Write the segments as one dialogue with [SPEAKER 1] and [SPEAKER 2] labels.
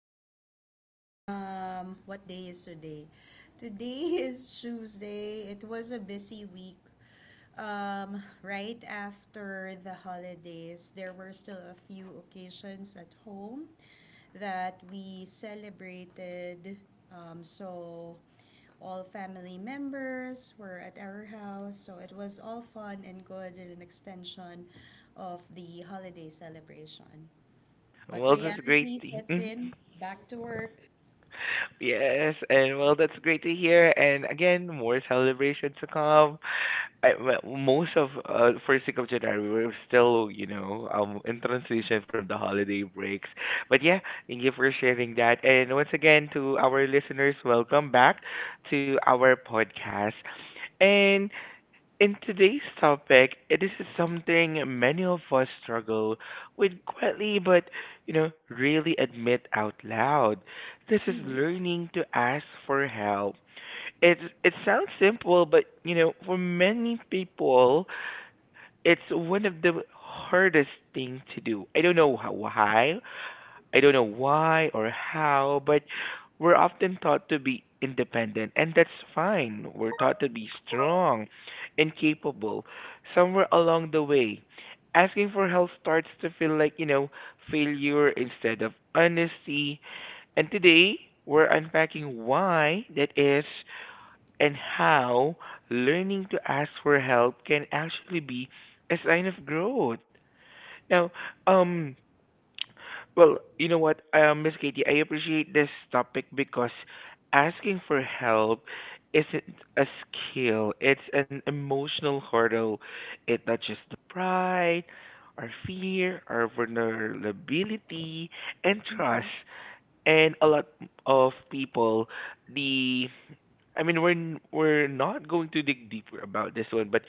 [SPEAKER 1] well. What day is today? Today is Tuesday. It was a busy week. Right after the holidays, there were still a few occasions at home that we celebrated. So all family members were at our house, so it was all fun and good and an extension of the holiday celebration. But
[SPEAKER 2] Well, that's great.
[SPEAKER 1] reality sets in, back to work.
[SPEAKER 2] Yes, and well, that's great to hear. And again, more celebrations to come. Well, most of first week of January, we're still, in transition from the holiday breaks. But yeah, thank you for sharing that. And once again, to our listeners, welcome back to our podcast. And in today's topic, it is something many of us struggle with quietly, but really admit out loud. This is
[SPEAKER 1] Mhm.
[SPEAKER 2] learning to ask for help. It sounds simple, but for many people, it's one of the hardest thing to do. I don't know why or how, but we're often taught to be independent, and that's fine. We're taught to be strong and capable. Somewhere along the way, asking for help starts to feel like, failure instead of honesty. And today, we're unpacking why that is and how learning to ask for help can actually be a sign of growth. Now, um, well, you know what, Miss Katie, I appreciate this topic because asking for help isn't a skill, it's an emotional hurdle. It touches the pride, our fear, our vulnerability, and trust. And a lot of people, the I mean, we're not going to dig deeper about this one, but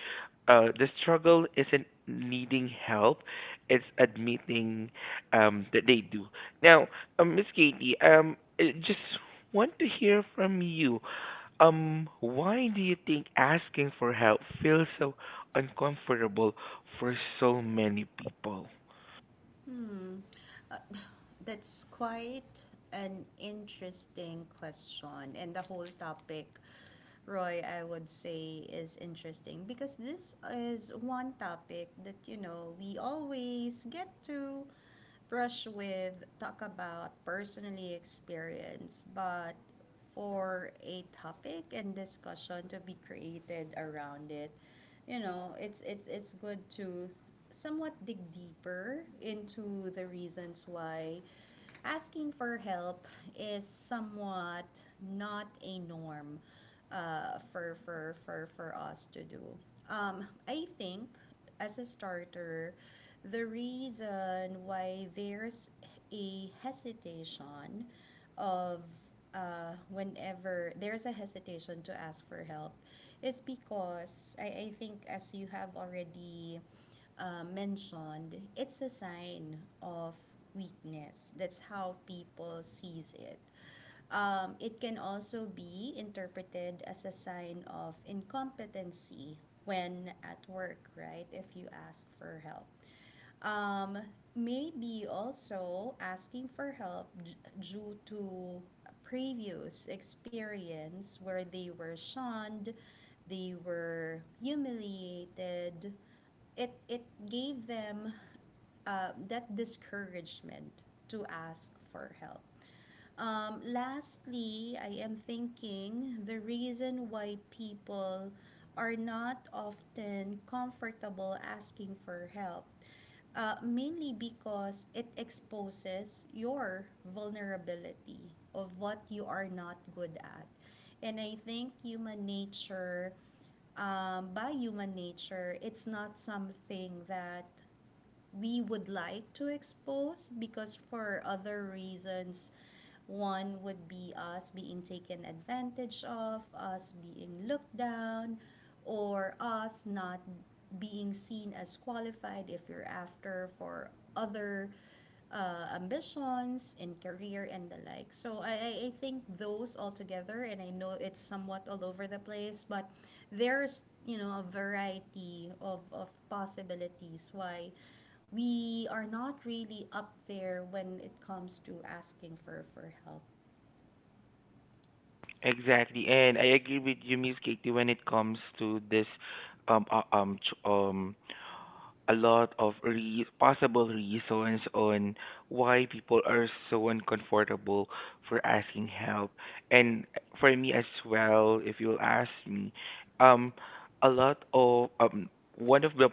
[SPEAKER 2] the struggle isn't needing help; it's admitting that they do. Now, Miss Katie, I just want to hear from you. Why do you think asking for help feels so uncomfortable for so many people?
[SPEAKER 1] Hmm. Uh, That's quite an interesting question. And the whole topic, Roy, I would say is interesting because this is one topic that, we always get to brush with, talk about, personally experience. But for a topic and discussion to be created around it, it's good to somewhat dig deeper into the reasons why asking for help is somewhat not a norm for us to do. I think, as a starter, the reason why there's a hesitation of whenever there's a hesitation to ask for help is because I think, as you have already mentioned, it's a sign of weakness. That's how people sees it. It can also be interpreted as a sign of incompetency when at work, right? If you ask for help, um, maybe also asking for help due to previous experience where they were shunned, they were humiliated. It gave them that discouragement to ask for help. Lastly, I am thinking the reason why people are not often comfortable asking for help, mainly because it exposes your vulnerability of what you are not good at. And I think human nature, by human nature, it's not something that we would like to expose because for other reasons one would be us being taken advantage of, us being looked down, or us not being seen as qualified if you're after for other ambitions in career and the like. So I think those all together, and I know it's somewhat all over the place, but there's, you know, a variety of possibilities why we are not really up there when it comes to asking for help.
[SPEAKER 2] Exactly, and I agree with you, Miss Katie, when it comes to this um uh, um ch- um a lot of possible reasons on why people are so uncomfortable for asking help. And for me as well, if you'll ask me, um, a lot of one of the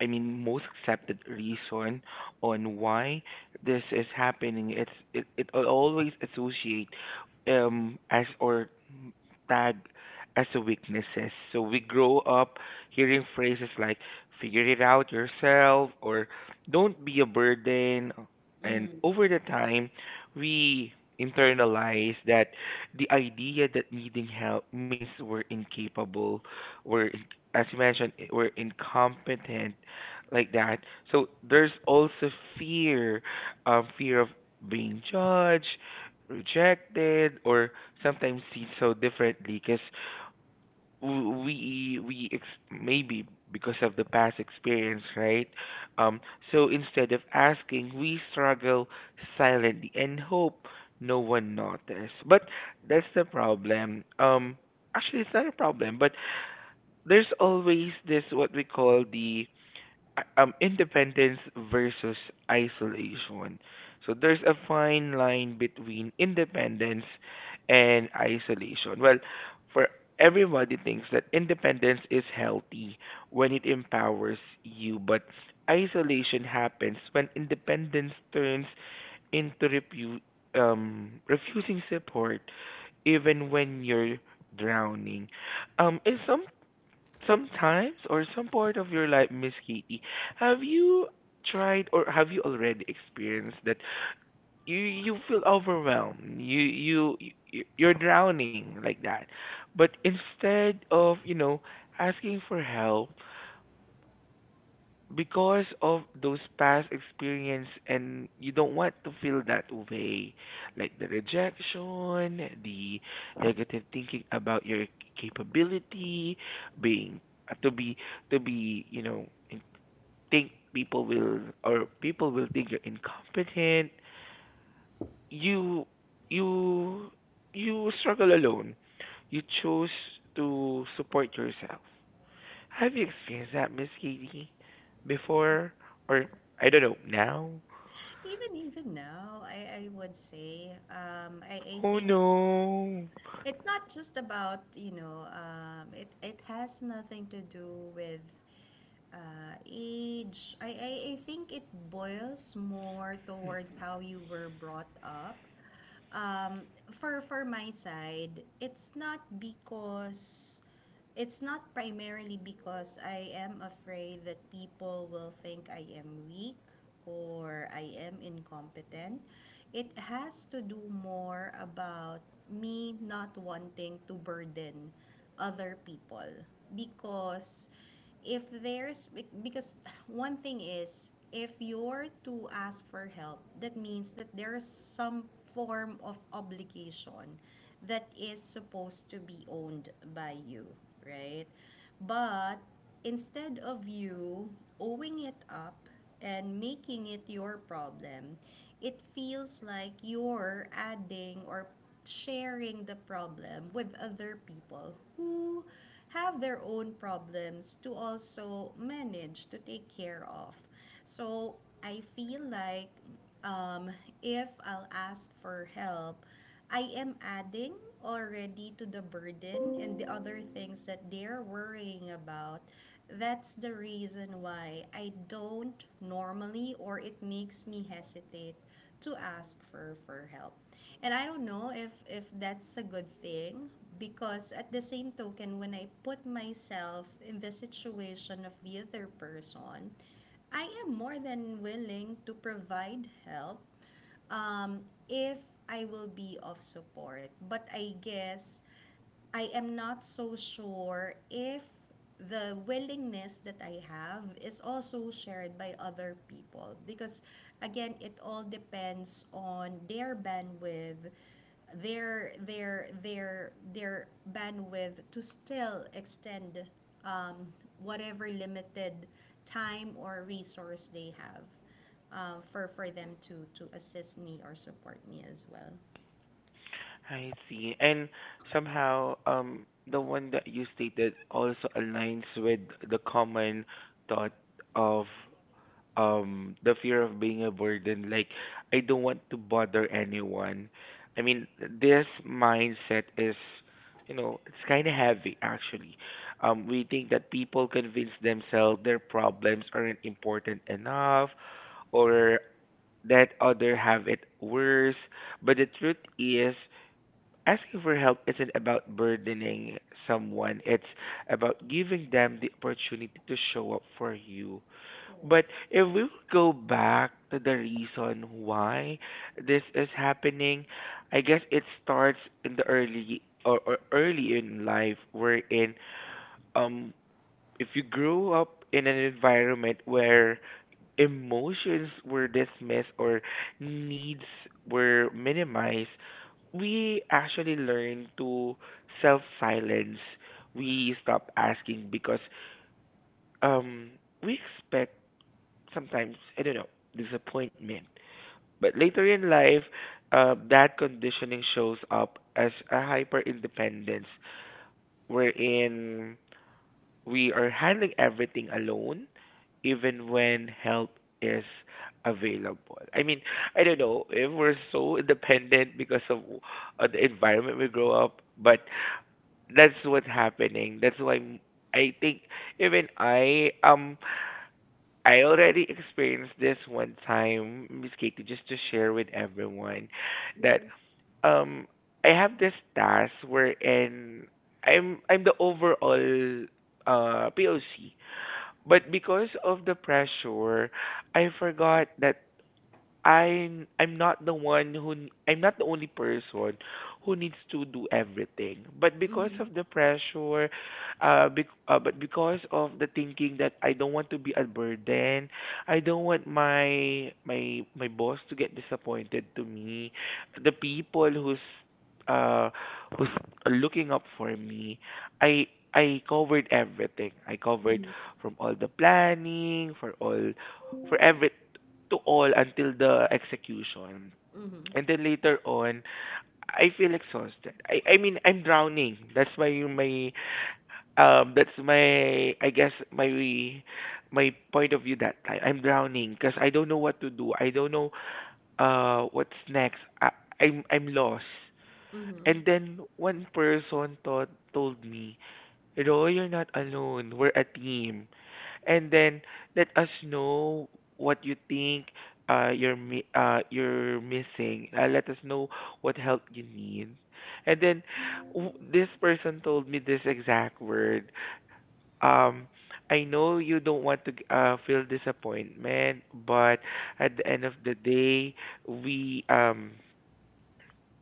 [SPEAKER 2] I mean, most accepted reason on why this is happening. It will always associate as or tag as a weaknesses. So we grow up hearing phrases like "figure it out yourself" or "don't be a burden," and
[SPEAKER 1] Mm.
[SPEAKER 2] over the time we internalize that the idea that needing help means we're incapable, we're in- as you mentioned, we're incompetent like that. So there's also fear, fear of being judged, rejected, or sometimes seen so differently. Because we ex- Maybe because of the past experience, right? Um, so instead of asking, we struggle silently and hope no one notices. But that's the problem. Actually, it's not a problem, but there's always this what we call the independence versus isolation. So there's a fine line between independence and isolation. Well, for everybody thinks that independence is healthy when it empowers you, but isolation happens when independence turns into refusing support even when you're drowning. Is some Sometimes or some part of your life, Miss Katie, have you tried or have you already experienced that you feel overwhelmed, you're drowning like that, but instead of asking for help, because of those past experience and you don't want to feel that way, like the rejection, the negative thinking about your capability, being to be to be you know in- think people will, or people will think you're incompetent, you you you struggle alone, you chose to support yourself. Have you experienced that, Miss Katie, before? Or, I don't know, now?
[SPEAKER 1] Even even now, I would say, I
[SPEAKER 2] Oh
[SPEAKER 1] think
[SPEAKER 2] no.
[SPEAKER 1] it's not just about, it it has nothing to do with age. I think it boils more towards how you were brought up. Um, for my side, it's not because it's not primarily because I am afraid that people will think I am weak or I am incompetent. It has to do more about me not wanting to burden other people because if there's because one thing is if you're to ask for help, that means that there's some form of obligation that is supposed to be owned by you, right? But instead of you owing it up and making it your problem, it feels like you're adding or sharing the problem with other people who have their own problems to also manage to take care of. So I feel like, um, if I'll ask for help, I am adding already to the burden and the other things that they're worrying about. That's the reason why I don't normally, or it makes me hesitate to ask for help. And I don't know if that's a good thing because at the same token when I put myself in the situation of the other person, I am more than willing to provide help, um, if I will be of support. But I guess I am not so sure if the willingness that I have is also shared by other people, because again it all depends on their bandwidth, their bandwidth to still extend um, whatever limited time or resource they have for them to assist me or support me as well.
[SPEAKER 2] I see. And somehow, the one that you stated also aligns with the common thought of the fear of being a burden. Like, I don't want to bother anyone. I mean, this mindset is, it's kind of heavy actually. We think that people convince themselves their problems aren't important enough, or that other have it worse. But the truth is, asking for help isn't about burdening someone, it's about giving them the opportunity to show up for you.
[SPEAKER 1] Correct.
[SPEAKER 2] But if we would go back to the reason why this is happening, I guess it starts in the early or early in life, wherein um if you grew up in an environment where emotions were dismissed or needs were minimized, we actually learn to self silence. We stop asking because um we expect, sometimes I don't know, disappointment. But later in life, that conditioning shows up as a hyper independence, wherein we are handling everything alone, even when help is available. I mean, I don't know if we're so independent because of the environment we grow up, but that's what's happening. That's why I think even I already experienced this one time, Miss Katie, just to share with everyone that
[SPEAKER 1] Yeah.
[SPEAKER 2] um I have this task wherein I'm the overall POC, but because of the pressure, I forgot that I'm not the one who n- I'm not the only person who needs to do everything. But because
[SPEAKER 1] Mm-hmm.
[SPEAKER 2] of the pressure, bec but because of the thinking that I don't want to be a burden, I don't want my boss to get disappointed to me, the people uh who's looking up for me, I I covered everything. I covered
[SPEAKER 1] Mhm.
[SPEAKER 2] from all the planning, for all for every to all until the execution.
[SPEAKER 1] Mhm.
[SPEAKER 2] And then later on, I feel exhausted. I mean, I'm drowning. That's my my that's my I guess my my point of view that time. I'm drowning because I don't know what to do. I don't know what's next. I'm lost.
[SPEAKER 1] Mhm.
[SPEAKER 2] And then one person told me, "Ro, you're not alone. We're a team. And then let us know what you think you're missing. Let us know what help you need." And then this person told me this exact word. Um, I know you don't want to feel disappointment, but at the end of the day, we um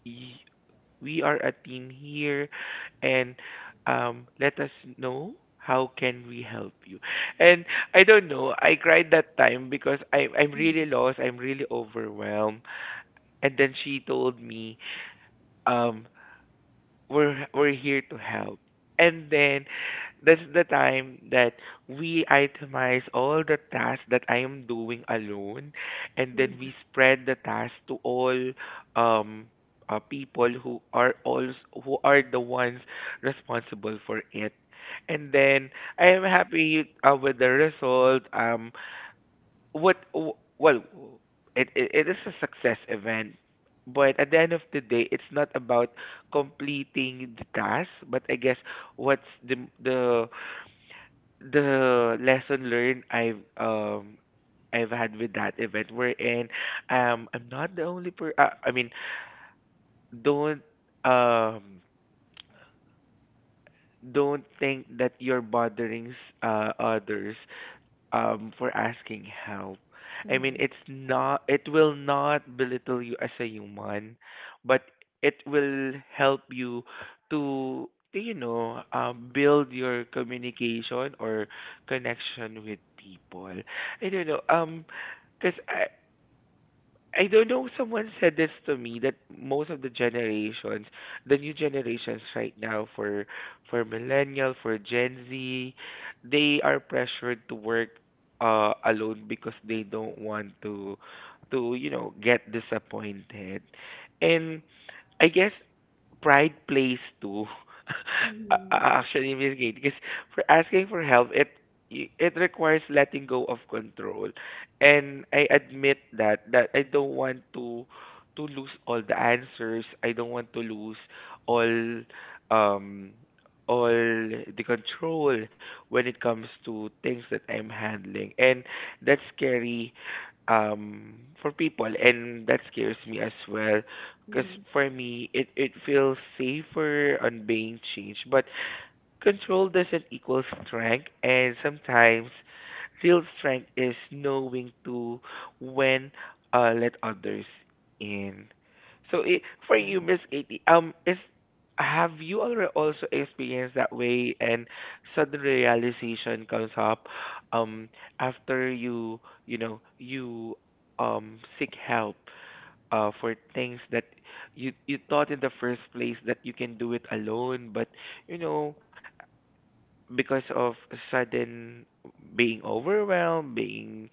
[SPEAKER 2] y- we are a team here, and let us know how can we help you. And I don't know, I cried that time because I'm really
[SPEAKER 1] Mhm.
[SPEAKER 2] lost, I'm really overwhelmed. And then she told me, um we're here to help. And then that's the time that we itemize all the tasks that I am doing alone, and then
[SPEAKER 1] Mhm.
[SPEAKER 2] we spread the task to all um people who are also who are the ones responsible for it. And then I am happy with the result. What Well, it is a success event, but at the end of the day it's not about completing the task, but I guess what's the the lesson learned I've had with that event, wherein I'm not the only per I mean, don't um don't think that you're bothering others for asking help. I mean, it's not it will not belittle you as a human, but it will help you to to build your communication or connection with people. I don't know because I don't know. Someone said this to me that most of the generations, the new generations right now, for millennial, for Gen Z, they are pressured to work alone, because they don't want to get disappointed. And I guess pride plays too. a- a-
[SPEAKER 1] Mhm.
[SPEAKER 2] Actually, Miss Kate, because for asking for help, it requires letting go of control, and I admit that I don't want to lose all the answers. I don't want to lose all um all the control when it comes to things that I'm handling, and that's scary for people, and that scares me as well, because
[SPEAKER 1] Mhm.
[SPEAKER 2] for me, it feels safer on being changed. But control doesn't equal strength, and sometimes real strength is knowing to when let others in. So it, for you, Miss Katie, is, have you already also experienced that way, and sudden realization comes up um after you seek help for things that you thought in the first place that you can do it alone, but you know because of sudden being overwhelmed, being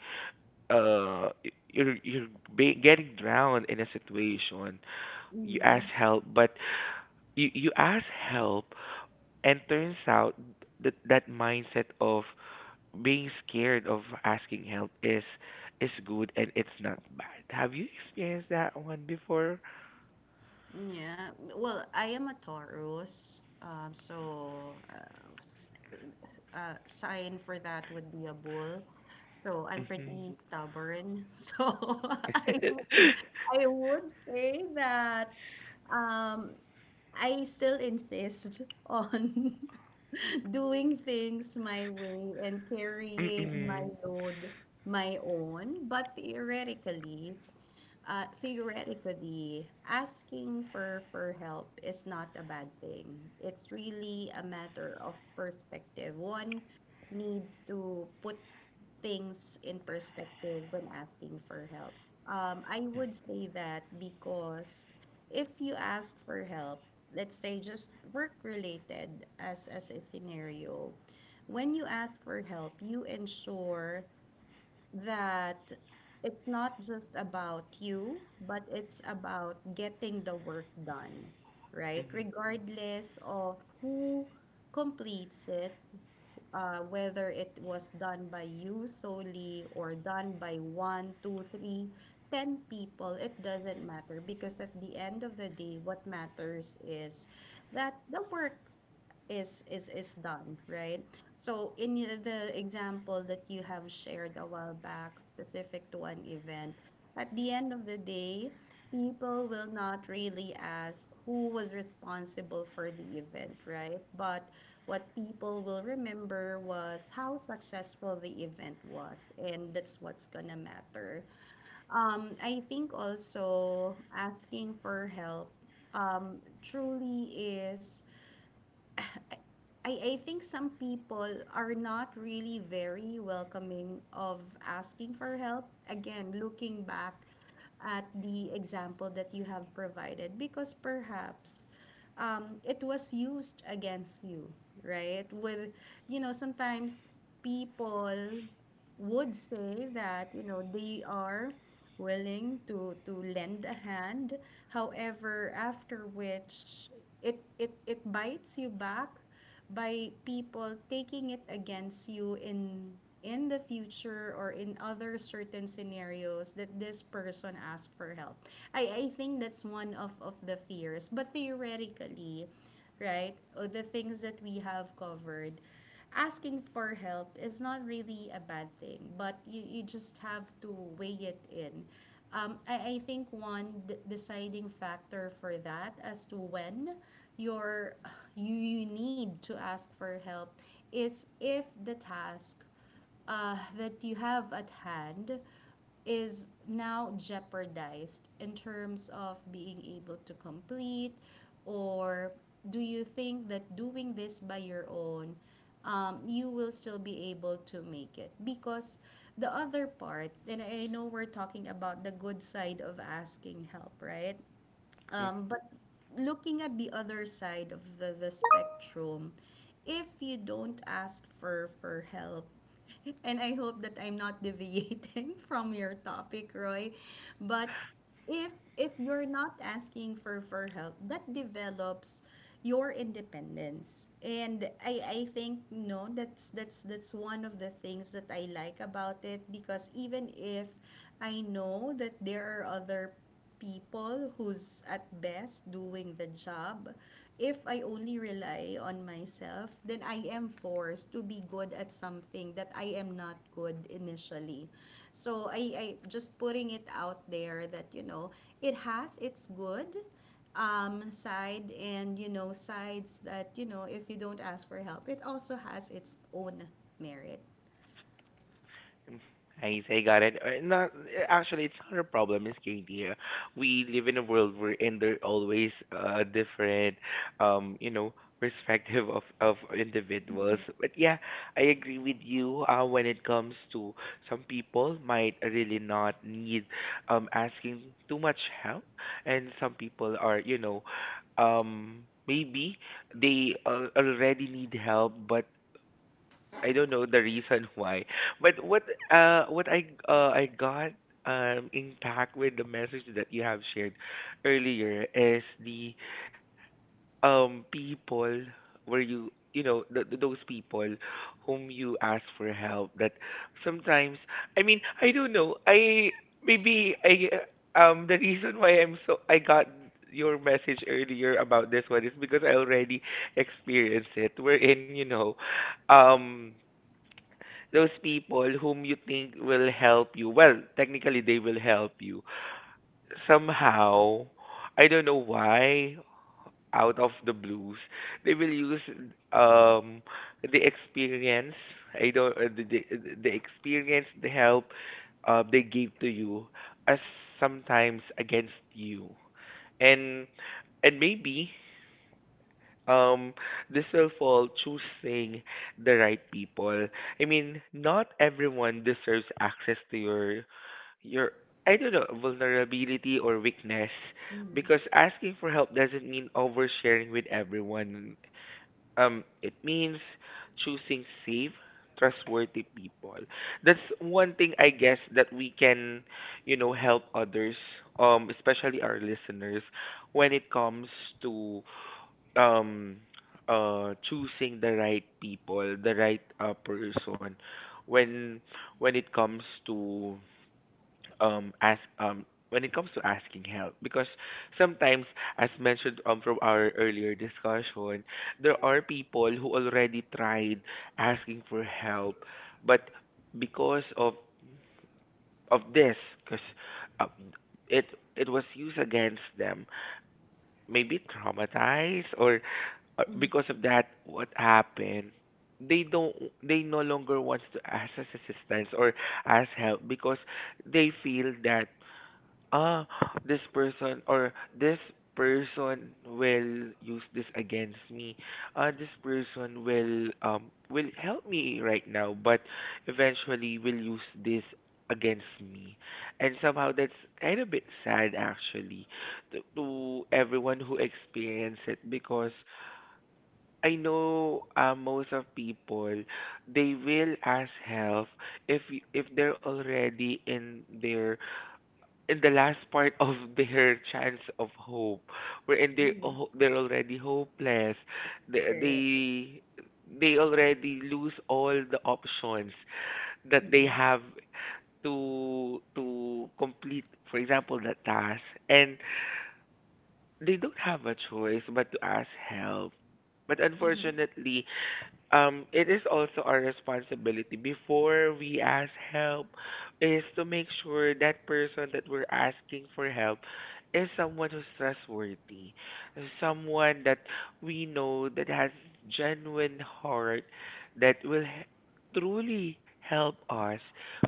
[SPEAKER 2] uh y- you're you're getting drowned in a situation, you ask
[SPEAKER 1] Mhm.
[SPEAKER 2] help, but you ask help, and turns out that that mindset of being scared of asking help is good and it's not bad. Have you experienced that one before?
[SPEAKER 1] Yeah. Well, I am a Taurus. S- Sign for that would be a bull. So I'm
[SPEAKER 2] Hmm.
[SPEAKER 1] pretty stubborn. So I I would say that, um, I still insist on doing things my way and carrying my
[SPEAKER 2] Mm-mm.
[SPEAKER 1] load my own. But theoretically, theoretically, asking for help is not a bad thing. It's really a matter of perspective. One needs to put things in perspective when asking for help. I would say that because if you ask for help, let's say just work related as a scenario, when you ask for help, you ensure that it's not just about you, but it's about getting the work done, right?
[SPEAKER 2] Mm-hmm.
[SPEAKER 1] Regardless of who completes it, whether it was done by you solely or done by one, two, three, ten people, it doesn't matter because at the end of the day, what matters is that the work is done right. So in the example that you have shared a while back specific to an event, at the end of the day people will not really ask who was responsible for the event, right? But what people will remember was how successful the event was, and that's what's gonna matter. I think also asking for help, truly is, I think some people are not really very welcoming of asking for help. Again, looking back at the example that you have provided, because perhaps, it was used against you, right? With, you know, sometimes people would say that, you know, they are willing to lend a hand. However, after which it bites you back by people taking it against you in the future or in other certain scenarios that this person asked for help. I think that's one of the fears. But theoretically, right, or the things that we have covered, asking for help is not really a bad thing, but you just have to weigh it in. I think one deciding factor for that as to when you're, you need to ask for help is if the task that you have at hand is now jeopardized in terms of being able to complete, or do you think that doing this by your own, you will still be able to make it? Because the other part, and I know we're talking about the good side of asking help right, but looking at the other side of the spectrum, if you don't ask for help, and I hope that I'm not deviating from your topic, Roy, but if if you're not asking for help, that develops your independence. And I think no, that's one of the things that I like about it, because even if I know that there are other people who's at best doing the job. If I only rely on myself, then I am forced to be good at something that I am not good initially. So I just putting it out there that you know it has its good, side, and you know sides that you know if you don't ask for help, it also has its own merit.
[SPEAKER 2] Mm-hmm. I got it. Not actually, it's not a problem, Miss Katie. We live in a world wherein there are always different, um, you know, perspective of individuals. But yeah, I agree with you. When it comes to some people might really not need asking too much help, and some people are, maybe they already need help, but I don't know the reason why, but what I got intact with the message that you have shared earlier is the people where those people whom you ask for help that sometimes I mean I don't know I maybe I the reason why I got your message earlier about this one is because I already experienced it wherein um those people whom you think will help you. Well, technically, they will help you. Somehow, I don't know why, out of the blues, they will use um the experience. I don't the experience, the help they gave to you, as sometimes against you, and and maybe um, this will fall choosing the right people. I mean, not everyone deserves access to your I don't know vulnerability or weakness
[SPEAKER 1] Mm-hmm.
[SPEAKER 2] because asking for help doesn't mean oversharing with everyone. It means choosing safe, trustworthy people. That's one thing I guess that we can, you know, help others, especially our listeners, when it comes to um choosing the right people, the right person when when it comes to ask when it comes to asking help because sometimes as mentioned from our earlier discussion there are people who already tried asking for help but because of this because uh, it it was used against them maybe traumatized or
[SPEAKER 1] Mm-hmm.
[SPEAKER 2] because of that what happened they don't they no longer wants to ask us assistance or ask help because they feel that ah, this person or this person will use this against me. This person will help me right now, but eventually will use this against me. And somehow that's kind of bit sad actually to everyone who experience it because I know most of people they will ask help if if they're already in their in the last part of their chance of hope, wherein they
[SPEAKER 1] Mm-hmm.
[SPEAKER 2] oh, they're already hopeless. They,
[SPEAKER 1] Correct.
[SPEAKER 2] they they already lose all the options that
[SPEAKER 1] Mm-hmm.
[SPEAKER 2] they have to complete, for example, the task, and they don't have a choice but to ask help. But
[SPEAKER 1] Mm-hmm.
[SPEAKER 2] unfortunately, it is also our responsibility before we ask help is to make sure that person that we're asking for help is someone who's trustworthy, someone that we know that has genuine heart that truly help us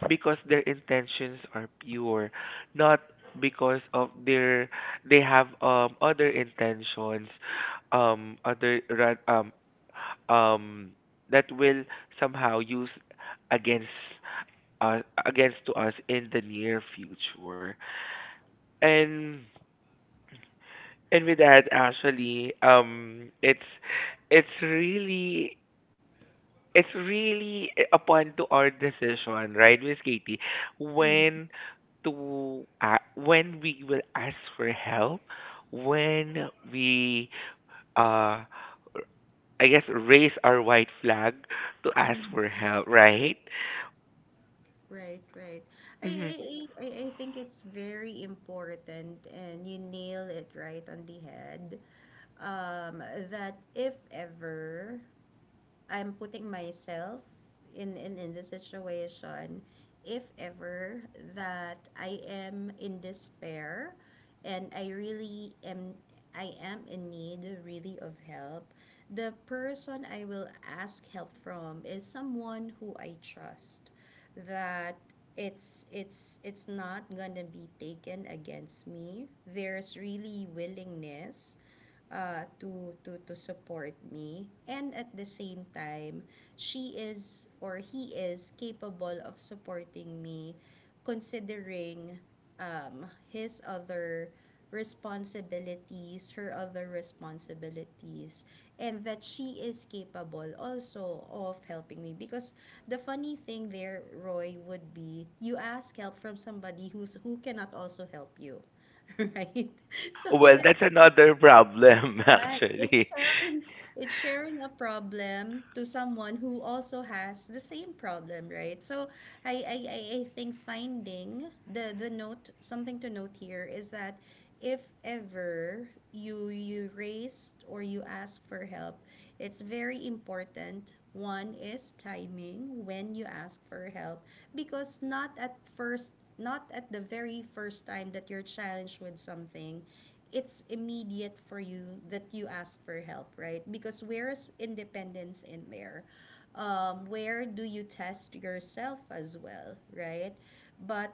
[SPEAKER 2] because their intentions are pure, not because of their they have other intentions um other ra- um um that will somehow use against against to us in the near future and and with that actually it's it's really it's really upon to our decision, right, Miss Katie? When to when we will ask for help, when we uh I guess raise our white flag to ask for
[SPEAKER 1] Mm-hmm.
[SPEAKER 2] help, right?
[SPEAKER 1] Right, right. I, I,
[SPEAKER 2] Mhm.
[SPEAKER 1] I, I I think it's very important, and you nail it right on the head. Um, that if ever I'm putting myself in, in the situation, if ever that I am in despair and I really am I am in need really of help, the person I will ask help from is someone who I trust, that it's not going to be taken against me, there's really willingness to support me. And at the same time, she is or he is capable of supporting me, considering, his other responsibilities, her other responsibilities, and that she is capable also of helping me. Because the funny thing there, Roy, would be you ask help from somebody who's who cannot also help you. Right? So
[SPEAKER 2] Well, that's
[SPEAKER 1] it's
[SPEAKER 2] another problem,
[SPEAKER 1] Right. It's
[SPEAKER 2] actually.
[SPEAKER 1] sharing, it's sharing a problem to someone who also has the same problem, right? So I think finding the note something to note here is that if ever you raised or you ask for help, it's very important. One is timing when you ask for help, because not at first, not at the very first time that you're challenged with something it's immediate for you that you ask for help, right? Because where is independence in there? Where do you test yourself as well, right? But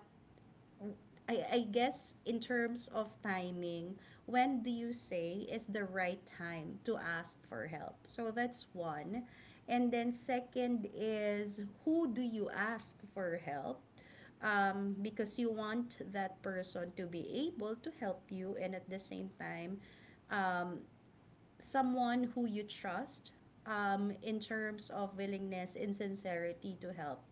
[SPEAKER 1] I guess in terms of timing, when do you say is the right time to ask for help? So that's one. And then second is, who do you ask for help? Because you want that person to be able to help you, and at the same time someone who you trust, in terms of willingness and sincerity to help.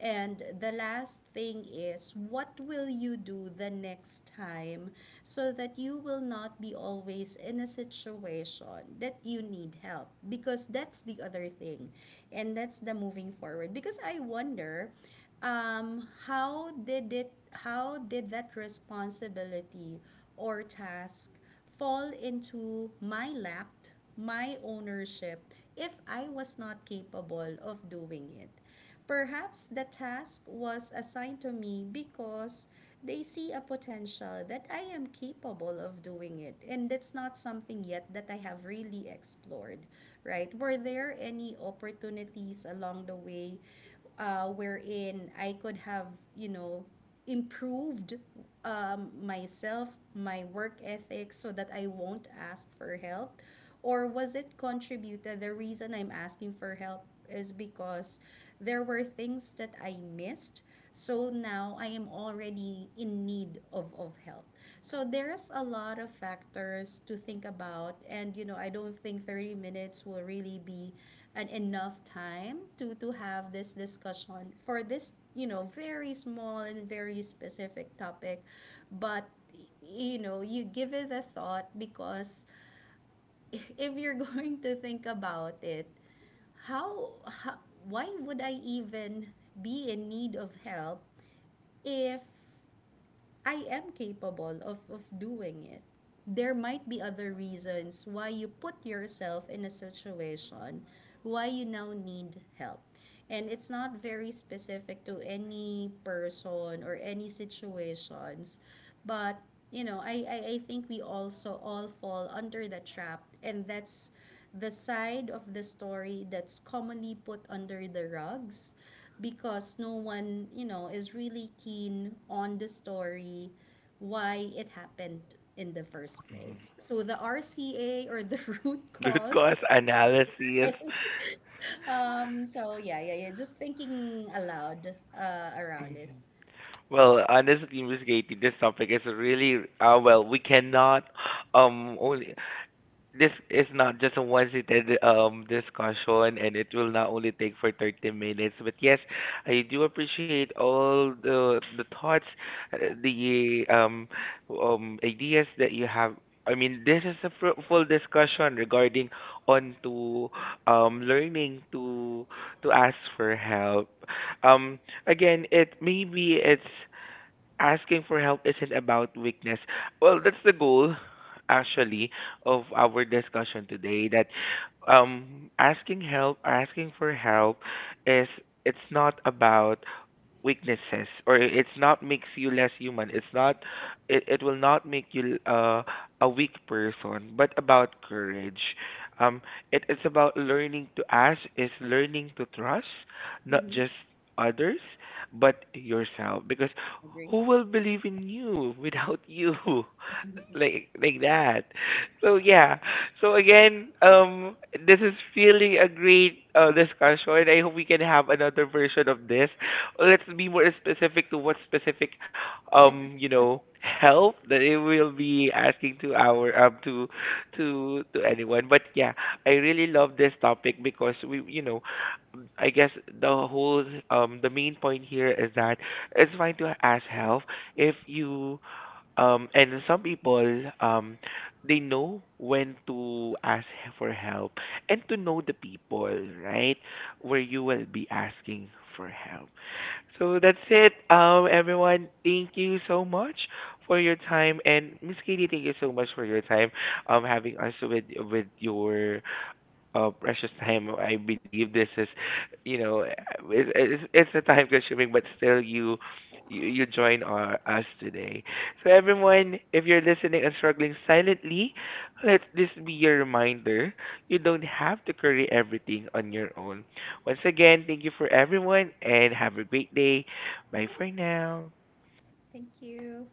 [SPEAKER 1] And the last thing is, what will you do the next time so that you will not be always in a situation that you need help? Because that's the other thing. And that's the moving forward. Because I wonder, how did that responsibility or task fall into my lap, my ownership, if I was not capable of doing it. Perhaps the task was assigned to me because they see a potential that I am capable of doing it. And that's not something yet that I have really explored, right? Were there any opportunities along the way wherein I could have, you know, improved, myself, my work ethic, so that I won't ask for help? Or was it contributed? The reason I'm asking for help is because there were things that I missed. So now I am already in need of help. So there's a lot of factors to think about. And, you know, I don't think 30 minutes will really be and enough time to have this discussion for this, you know, very small and very specific topic, but you know, you give it a thought, because if you're going to think about it, how, why would I even be in need of help if I am capable of doing it. There might be other reasons why you put yourself in a situation why you now need help. And it's not very specific to any person or any situations, but you know, I think we also all fall under the trap, and that's the side of the story that's commonly put under the rugs, because no one, you know, is really keen on the story, why it happened in the first place. So the RCA, or the root
[SPEAKER 2] Root
[SPEAKER 1] cause.
[SPEAKER 2] cause analysis.
[SPEAKER 1] Just thinking aloud around it.
[SPEAKER 2] Mhm. Well, honestly, Miss Katie, this topic is really well. We cannot only this is not just a one-seated discussion, and it will not only take for 30 minutes. But yes, I do appreciate all the thoughts, the ideas that you have. I mean, this is a fruitful discussion regarding on to learning to ask for help. Um, Again, it maybe it's asking for help isn't about weakness. Well, that's the goal actually of our discussion today that asking help, asking for help is it's not about weaknesses or it's not makes you less human, it's not it, it will not make you a weak person but about courage. um it is about learning to ask is learning to trust not
[SPEAKER 1] Mm-hmm.
[SPEAKER 2] just others but yourself because
[SPEAKER 1] Agree.
[SPEAKER 2] who will believe in you without you, like that. So yeah. So again, this is really a great discussion. I hope we can have another version of this. Let's be more specific to what specific, you know, help that it will be asking to our to anyone. But yeah, I really love this topic because we you know I guess the whole the main point here is that it's fine to ask help if you and some people, they know when to ask for help and to know the people, right? Where you will be asking for help. So that's it, everyone. Thank you so much for your time, and Miss Katie, thank you so much for your time, having us with your precious time. I believe this is, you know, it's a time consuming, but still you. You join our, us today. So, everyone, if you're listening and struggling silently, let this be your reminder. You don't have to carry everything on your own. Once again, thank you for everyone and have a great day. Bye for now.
[SPEAKER 1] Thank you.